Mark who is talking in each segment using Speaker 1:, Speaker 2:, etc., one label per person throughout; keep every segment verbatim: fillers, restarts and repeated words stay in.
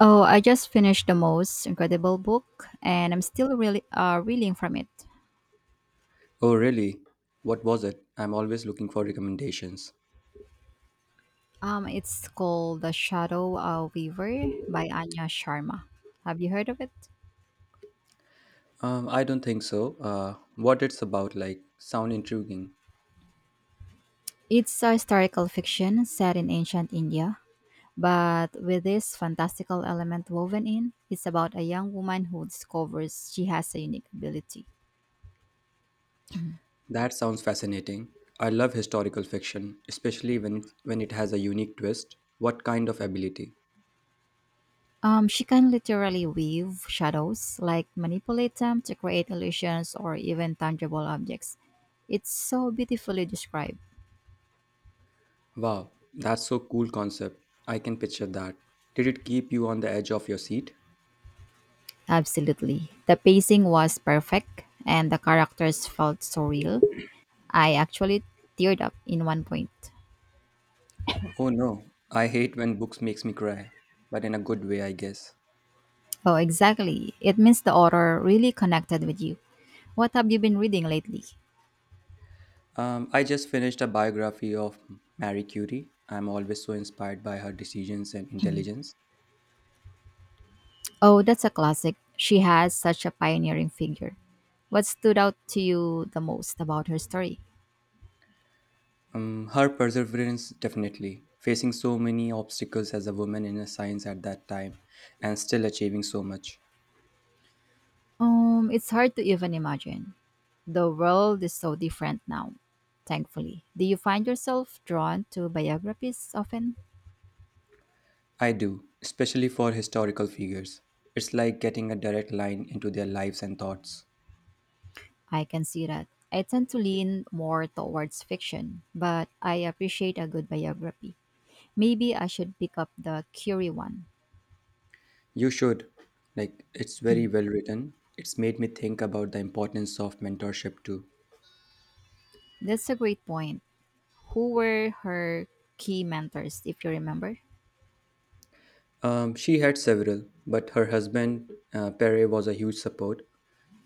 Speaker 1: Oh, I just finished the most incredible book, and I'm still really uh, reeling from it.
Speaker 2: Oh, really? What was it? I'm always looking for recommendations.
Speaker 1: Um, it's called The Shadow of Weaver by Anya Sharma. Have you heard of it?
Speaker 2: Um, I don't think so. Uh, what it's about, like, sound intriguing.
Speaker 1: It's a historical fiction set in ancient India, but with this fantastical element woven in. It's about a young woman who discovers she has a unique ability.
Speaker 2: That sounds fascinating. I love historical fiction, especially when it, when it has a unique twist. What kind of ability?
Speaker 1: Um, she can literally weave shadows, like manipulate them to create illusions or even tangible objects. It's so beautifully described.
Speaker 2: Wow, that's so cool concept. I can picture that. Did it keep you on the edge of your seat?
Speaker 1: Absolutely. The pacing was perfect and the characters felt so real. I actually teared up in one point.
Speaker 2: Oh no, I hate when books makes me cry, but in a good way, I guess.
Speaker 1: Oh, exactly. It means the author really connected with you. What have you been reading lately?
Speaker 2: Um, I just finished a biography of Marie Curie. I'm always so inspired by her decisions and intelligence.
Speaker 1: Oh, that's a classic. She has such a pioneering figure. What stood out to you the most about her story?
Speaker 2: Um, her perseverance, definitely, facing so many obstacles as a woman in a science at that time and still achieving so much.
Speaker 1: Um, it's hard to even imagine. The world is so different now, thankfully. Do you find yourself drawn to biographies often?
Speaker 2: I do, especially for historical figures. It's like getting a direct line into their lives and thoughts.
Speaker 1: I can see that. I tend to lean more towards fiction, but I appreciate a good biography. Maybe I should pick up the Curie one.
Speaker 2: You should. Like, it's very well written. It's made me think about the importance of mentorship too.
Speaker 1: That's a great point. Who were her key mentors, if you remember?
Speaker 2: Um, she had several, but her husband, uh, Pere, was a huge support,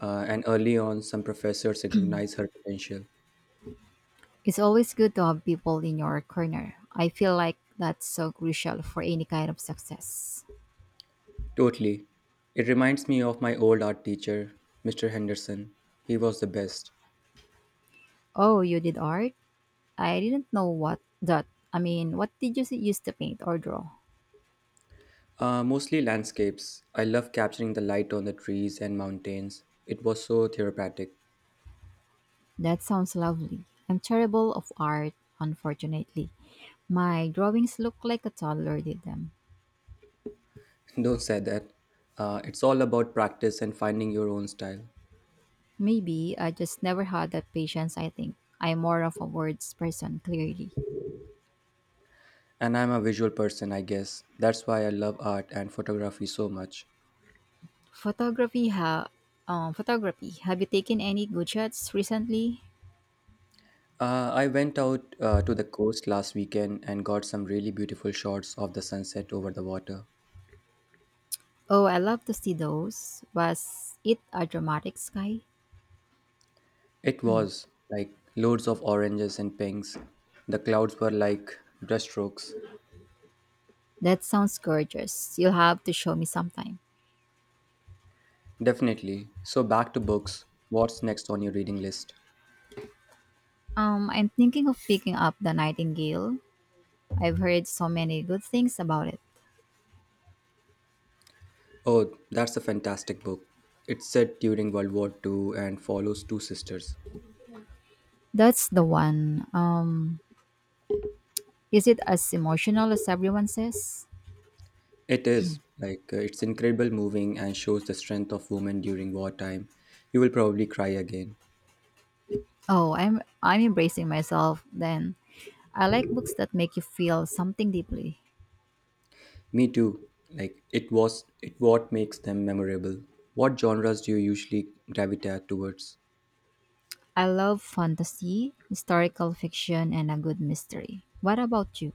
Speaker 2: uh, and early on, some professors recognized her potential.
Speaker 1: It's always good to have people in your corner. I feel like that's so crucial for any kind of success.
Speaker 2: Totally. It reminds me of my old art teacher, Mister Henderson. He was the best.
Speaker 1: Oh, you did art? I didn't know what that. I mean, what did you s- use to paint or draw?
Speaker 2: Uh, mostly landscapes. I love capturing the light on the trees and mountains. It was so therapeutic.
Speaker 1: That sounds lovely. I'm terrible of art, unfortunately. My drawings look like a toddler did them.
Speaker 2: Don't say that. Uh, it's all about practice and finding your own style.
Speaker 1: Maybe I just never had that patience, I think. I'm more of a words person, clearly.
Speaker 2: And I'm a visual person, I guess. That's why I love art and photography so much.
Speaker 1: Photography ha um, Photography. Have you taken any good shots recently?
Speaker 2: Uh, I went out uh, to the coast last weekend and got some really beautiful shots of the sunset over the water.
Speaker 1: Oh, I love to see those. Was it a dramatic sky?
Speaker 2: It was like loads of oranges and pinks. The clouds were like brushstrokes.
Speaker 1: That sounds gorgeous. You'll have to show me sometime.
Speaker 2: Definitely. So, back to books. What's next on your reading list?
Speaker 1: Um, I'm thinking of picking up The Nightingale. I've heard so many good things about it.
Speaker 2: Oh, that's a fantastic book. It's set during World War Two and follows two sisters.
Speaker 1: That's the one. Um, is it as emotional as everyone says?
Speaker 2: It is like uh, it's incredible, moving, and shows the strength of women during wartime. You will probably cry again.
Speaker 1: Oh, I'm I'm embracing myself then. I like books that make you feel something deeply.
Speaker 2: Me too. Like it was it what makes them memorable. What genres do you usually gravitate towards?
Speaker 1: I love fantasy, historical fiction, and a good mystery. What about you?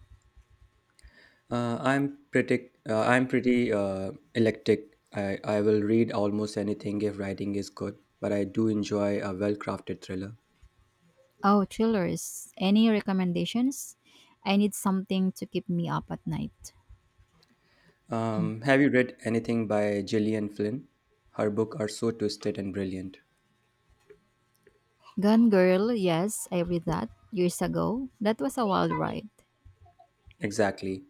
Speaker 2: Uh, I'm pretty uh, I'm pretty uh, eclectic. I, I will read almost anything if writing is good, but I do enjoy a well-crafted thriller.
Speaker 1: Oh, thrillers. Any recommendations? I need something to keep me up at night.
Speaker 2: Um, have you read anything by Gillian Flynn? Her books are so twisted and brilliant.
Speaker 1: Gone Girl, yes, I read that years ago. That was a wild ride.
Speaker 2: Exactly.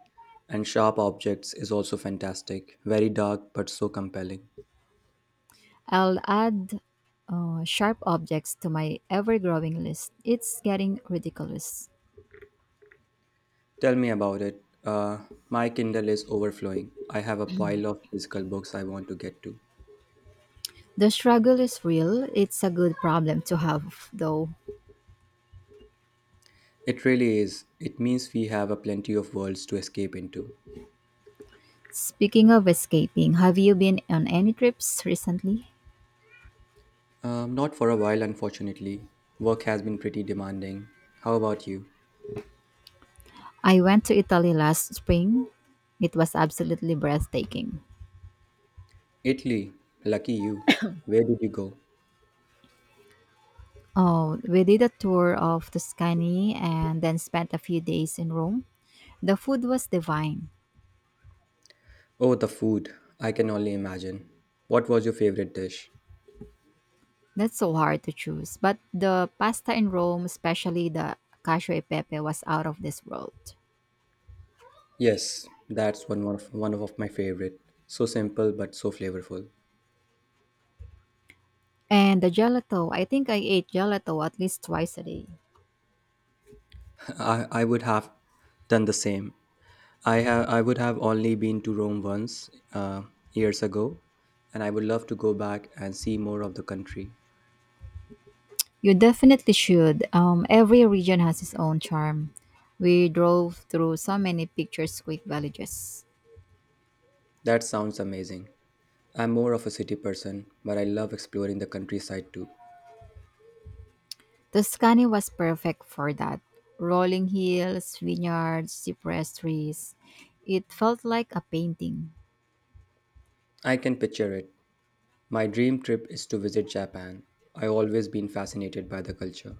Speaker 2: And Sharp Objects is also fantastic. Very dark but so compelling.
Speaker 1: I'll add uh, sharp objects to my ever growing list. It's getting ridiculous.
Speaker 2: Tell me about it. Uh, my Kindle is overflowing. I have a pile of physical books I want to get to.
Speaker 1: The struggle is real. It's a good problem to have, though.
Speaker 2: It really is. It means we have a plenty of worlds to escape into.
Speaker 1: Speaking of escaping, have you been on any trips recently?
Speaker 2: Um, not for a while, unfortunately. Work has been pretty demanding. How about you?
Speaker 1: I went to Italy last spring. It was absolutely breathtaking.
Speaker 2: Italy. Lucky you. Where did you go?
Speaker 1: Oh, we did a tour of Tuscany and then spent a few days in Rome. The food was divine.
Speaker 2: Oh, the food. I can only imagine. What was your favorite dish?
Speaker 1: That's so hard to choose, but the pasta in Rome, especially the cacio e pepe, was out of this world.
Speaker 2: Yes, that's one of one of my favorite. So simple but so flavorful.
Speaker 1: And the gelato, I think I ate gelato at least twice a day.
Speaker 2: I, I would have done the same. I have I would have only been to Rome once uh, years ago, and I would love to go back and see more of the country.
Speaker 1: You definitely should. Um, every region has its own charm. We drove through so many picturesque villages.
Speaker 2: That sounds amazing. I'm more of a city person, but I love exploring the countryside too.
Speaker 1: Tuscany was perfect for that. Rolling hills, vineyards, cypress trees. It felt like a painting.
Speaker 2: I can picture it. My dream trip is to visit Japan. I've always been fascinated by the culture.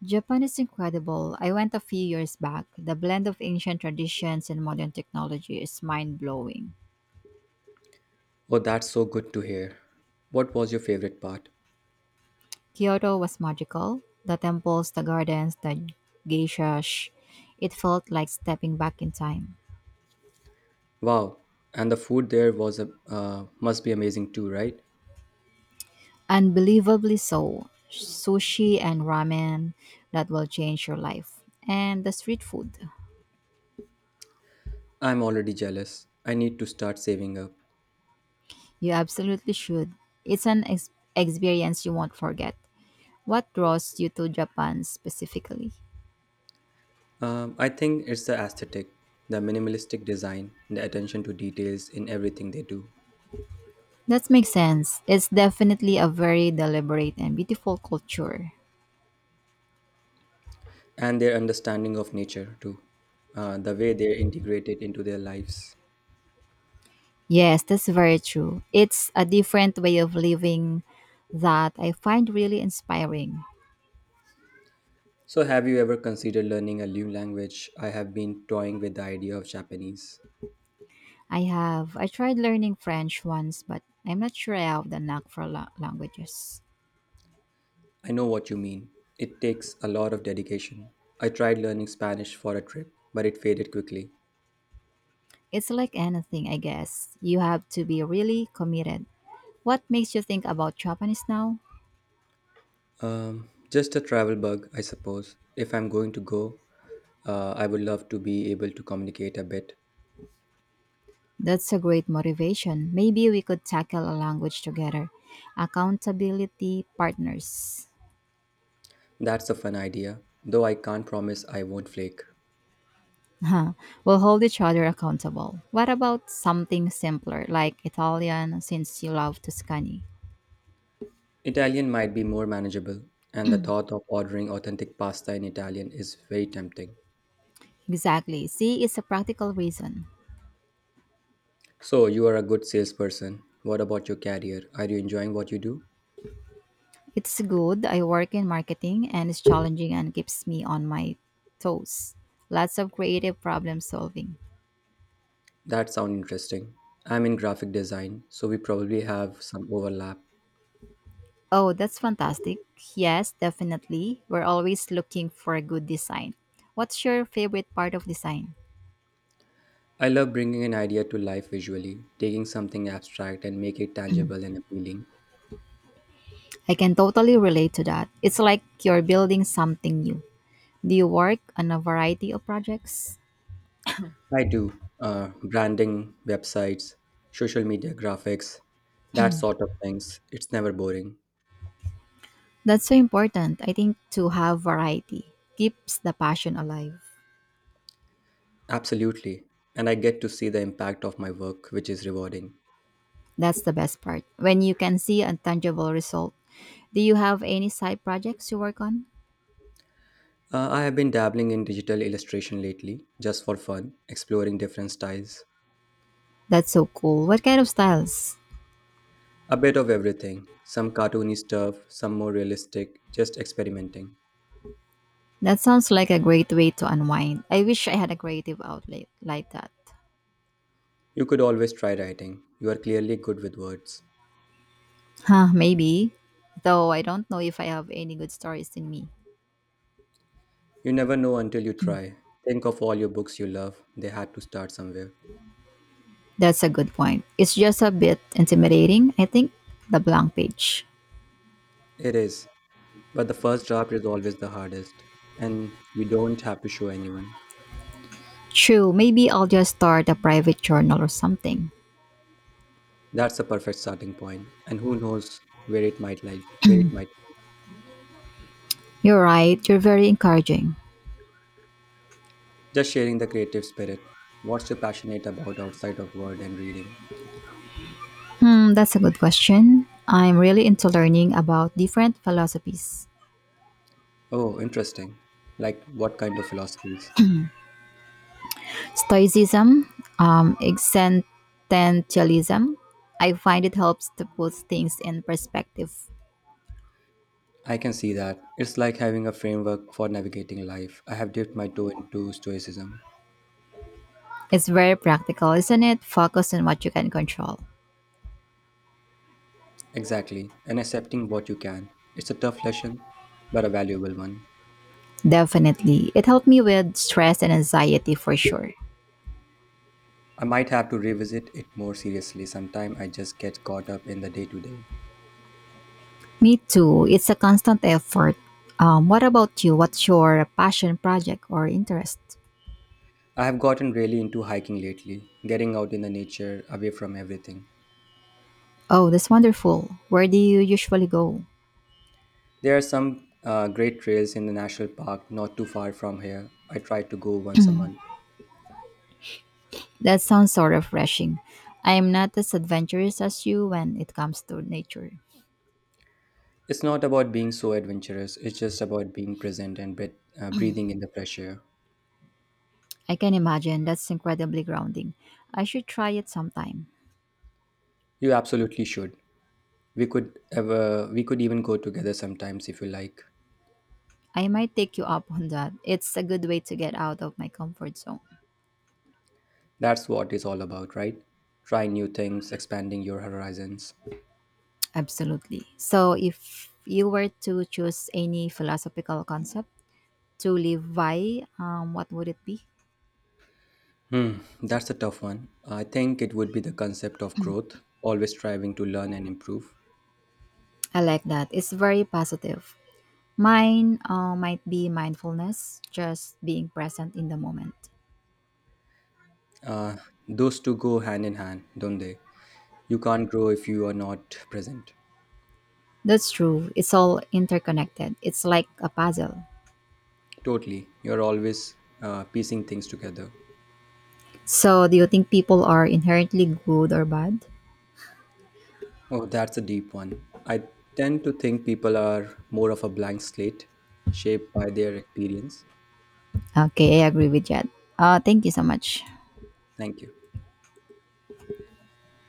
Speaker 1: Japan is incredible. I went a few years back. The blend of ancient traditions and modern technology is mind blowing.
Speaker 2: Oh, that's so good to hear. What was your favorite part?
Speaker 1: Kyoto was magical. The temples, the gardens, the geishas. It felt like stepping back in time.
Speaker 2: Wow, and the food there was a uh, must be amazing too, right?
Speaker 1: Unbelievably so. Sushi and ramen that will change your life. And the street food.
Speaker 2: I'm already jealous. I need to start saving up.
Speaker 1: You absolutely should. It's an ex- experience you won't forget. What draws you to Japan specifically?
Speaker 2: Um, I think it's the aesthetic, the minimalistic design, the attention to details in everything they do,
Speaker 1: That makes sense. It's definitely a very deliberate and beautiful culture.
Speaker 2: and their understanding of nature too, uh, the way they integrate it into their lives.
Speaker 1: Yes, that's very true. It's a different way of living that I find really inspiring.
Speaker 2: So, have you ever considered learning a new language? I have been toying with the idea of Japanese.
Speaker 1: I have I tried learning French once, but I'm not sure I have the knack for la- languages.
Speaker 2: I know what you mean. It takes a lot of dedication. I tried learning Spanish for a trip, but it faded quickly.
Speaker 1: It's like anything, I guess. You have to be really committed. What makes you think about Japanese now?
Speaker 2: Um, just a travel bug, I suppose. If I'm going to go, uh, I would love to be able to communicate a bit.
Speaker 1: That's a great motivation. Maybe we could tackle a language together. Accountability partners.
Speaker 2: That's a fun idea, though I can't promise I won't flake.
Speaker 1: Huh. We'll hold each other accountable. What about something simpler like Italian since you love Tuscany?
Speaker 2: Italian might be more manageable, and the thought of ordering authentic pasta in Italian is very tempting.
Speaker 1: Exactly. See, it's a practical reason.
Speaker 2: So, you are a good salesperson. What about your career? Are you enjoying what you do?
Speaker 1: It's good. I work in marketing and it's challenging and keeps me on my toes. Lots of creative problem solving.
Speaker 2: That sounds interesting. I'm in graphic design, so we probably have some overlap.
Speaker 1: Oh, that's fantastic. Yes, definitely. We're always looking for a good design. What's your favorite part of design?
Speaker 2: I love bringing an idea to life visually, taking something abstract and make it tangible and appealing.
Speaker 1: I can totally relate to that. It's like you're building something new. Do you work on a variety of projects?
Speaker 2: I do. Uh, branding, websites, social media graphics, that sort of things. It's never boring.
Speaker 1: That's so important, I think, to have variety. Keeps the passion alive.
Speaker 2: Absolutely. And I get to see the impact of my work, which is rewarding.
Speaker 1: That's the best part. When you can see a tangible result. Do you have any side projects you work on?
Speaker 2: Uh, I have been dabbling in digital illustration lately, just for fun, exploring different styles.
Speaker 1: That's so cool. What kind of styles?
Speaker 2: A bit of everything. Some cartoony stuff, some more realistic, just experimenting.
Speaker 1: That sounds like a great way to unwind. I wish I had a creative outlet like that.
Speaker 2: You could always try writing. You are clearly good with words.
Speaker 1: Huh, maybe. Though I don't know if I have any good stories in me.
Speaker 2: You never know until you try. Think of all your books you love, they had to start somewhere.
Speaker 1: That's a good point. It's just a bit intimidating, I think, the blank page.
Speaker 2: It is, but the first draft is always the hardest, and you don't have to show anyone.
Speaker 1: True, maybe I'll just start a private journal or something.
Speaker 2: That's a perfect starting point, and who knows where it might lead, where it might.
Speaker 1: You're right, you're very encouraging.
Speaker 2: Just sharing the creative spirit. What's you passionate about outside of word and reading?
Speaker 1: Hmm, that's a good question. I'm really into learning about different philosophies.
Speaker 2: Oh, interesting. Like what kind of philosophies?
Speaker 1: Stoicism, um, existentialism. I find it helps to put things in perspective.
Speaker 2: I can see that. It's like having a framework for navigating life. I have dipped my toe into stoicism.
Speaker 1: It's very practical, isn't it? Focus on what you can control.
Speaker 2: Exactly, and accepting what you can. It's a tough lesson, but a valuable one.
Speaker 1: Definitely. It helped me with stress and anxiety for sure.
Speaker 2: I might have to revisit it more seriously sometime. I just get caught up in the day to day.
Speaker 1: Me too. It's a constant effort. Um, what about you? What's your passion project or interest?
Speaker 2: I have gotten really into hiking lately, getting out in the nature, away from everything.
Speaker 1: Oh, that's wonderful. Where do you usually go?
Speaker 2: There are some uh, great trails in the national park not too far from here. I try to go once a month.
Speaker 1: That sounds so refreshing. I am not as adventurous as you when it comes to nature.
Speaker 2: It's not about being so adventurous, it's just about being present and breath, uh, breathing in the fresh air.
Speaker 1: I can imagine that's incredibly grounding. I should try it sometime.
Speaker 2: You absolutely should. We could ever we could even go together sometimes if you like.
Speaker 1: I might take you up on that. It's a good way to get out of my comfort zone.
Speaker 2: That's what it's all about, right? Trying new things, expanding your horizons.
Speaker 1: Absolutely. So, if you were to choose any philosophical concept, to live by, um, what would it be?
Speaker 2: Hmm, that's a tough one. I think it would be the concept of growth, always striving to learn and improve.
Speaker 1: I like that. It's very positive. Mine uh, might be mindfulness, just being present in the moment.
Speaker 2: Uh, those two go hand in hand, don't they? You can't grow if you are not present.
Speaker 1: That's true. It's all interconnected. It's like a puzzle.
Speaker 2: Totally. You're always uh, piecing things together.
Speaker 1: So, do you think people are inherently good or bad?
Speaker 2: Oh, that's a deep one. I tend to think people are more of a blank slate, shaped by their experience.
Speaker 1: Okay, I agree with that. Uh, thank you so much.
Speaker 2: Thank you.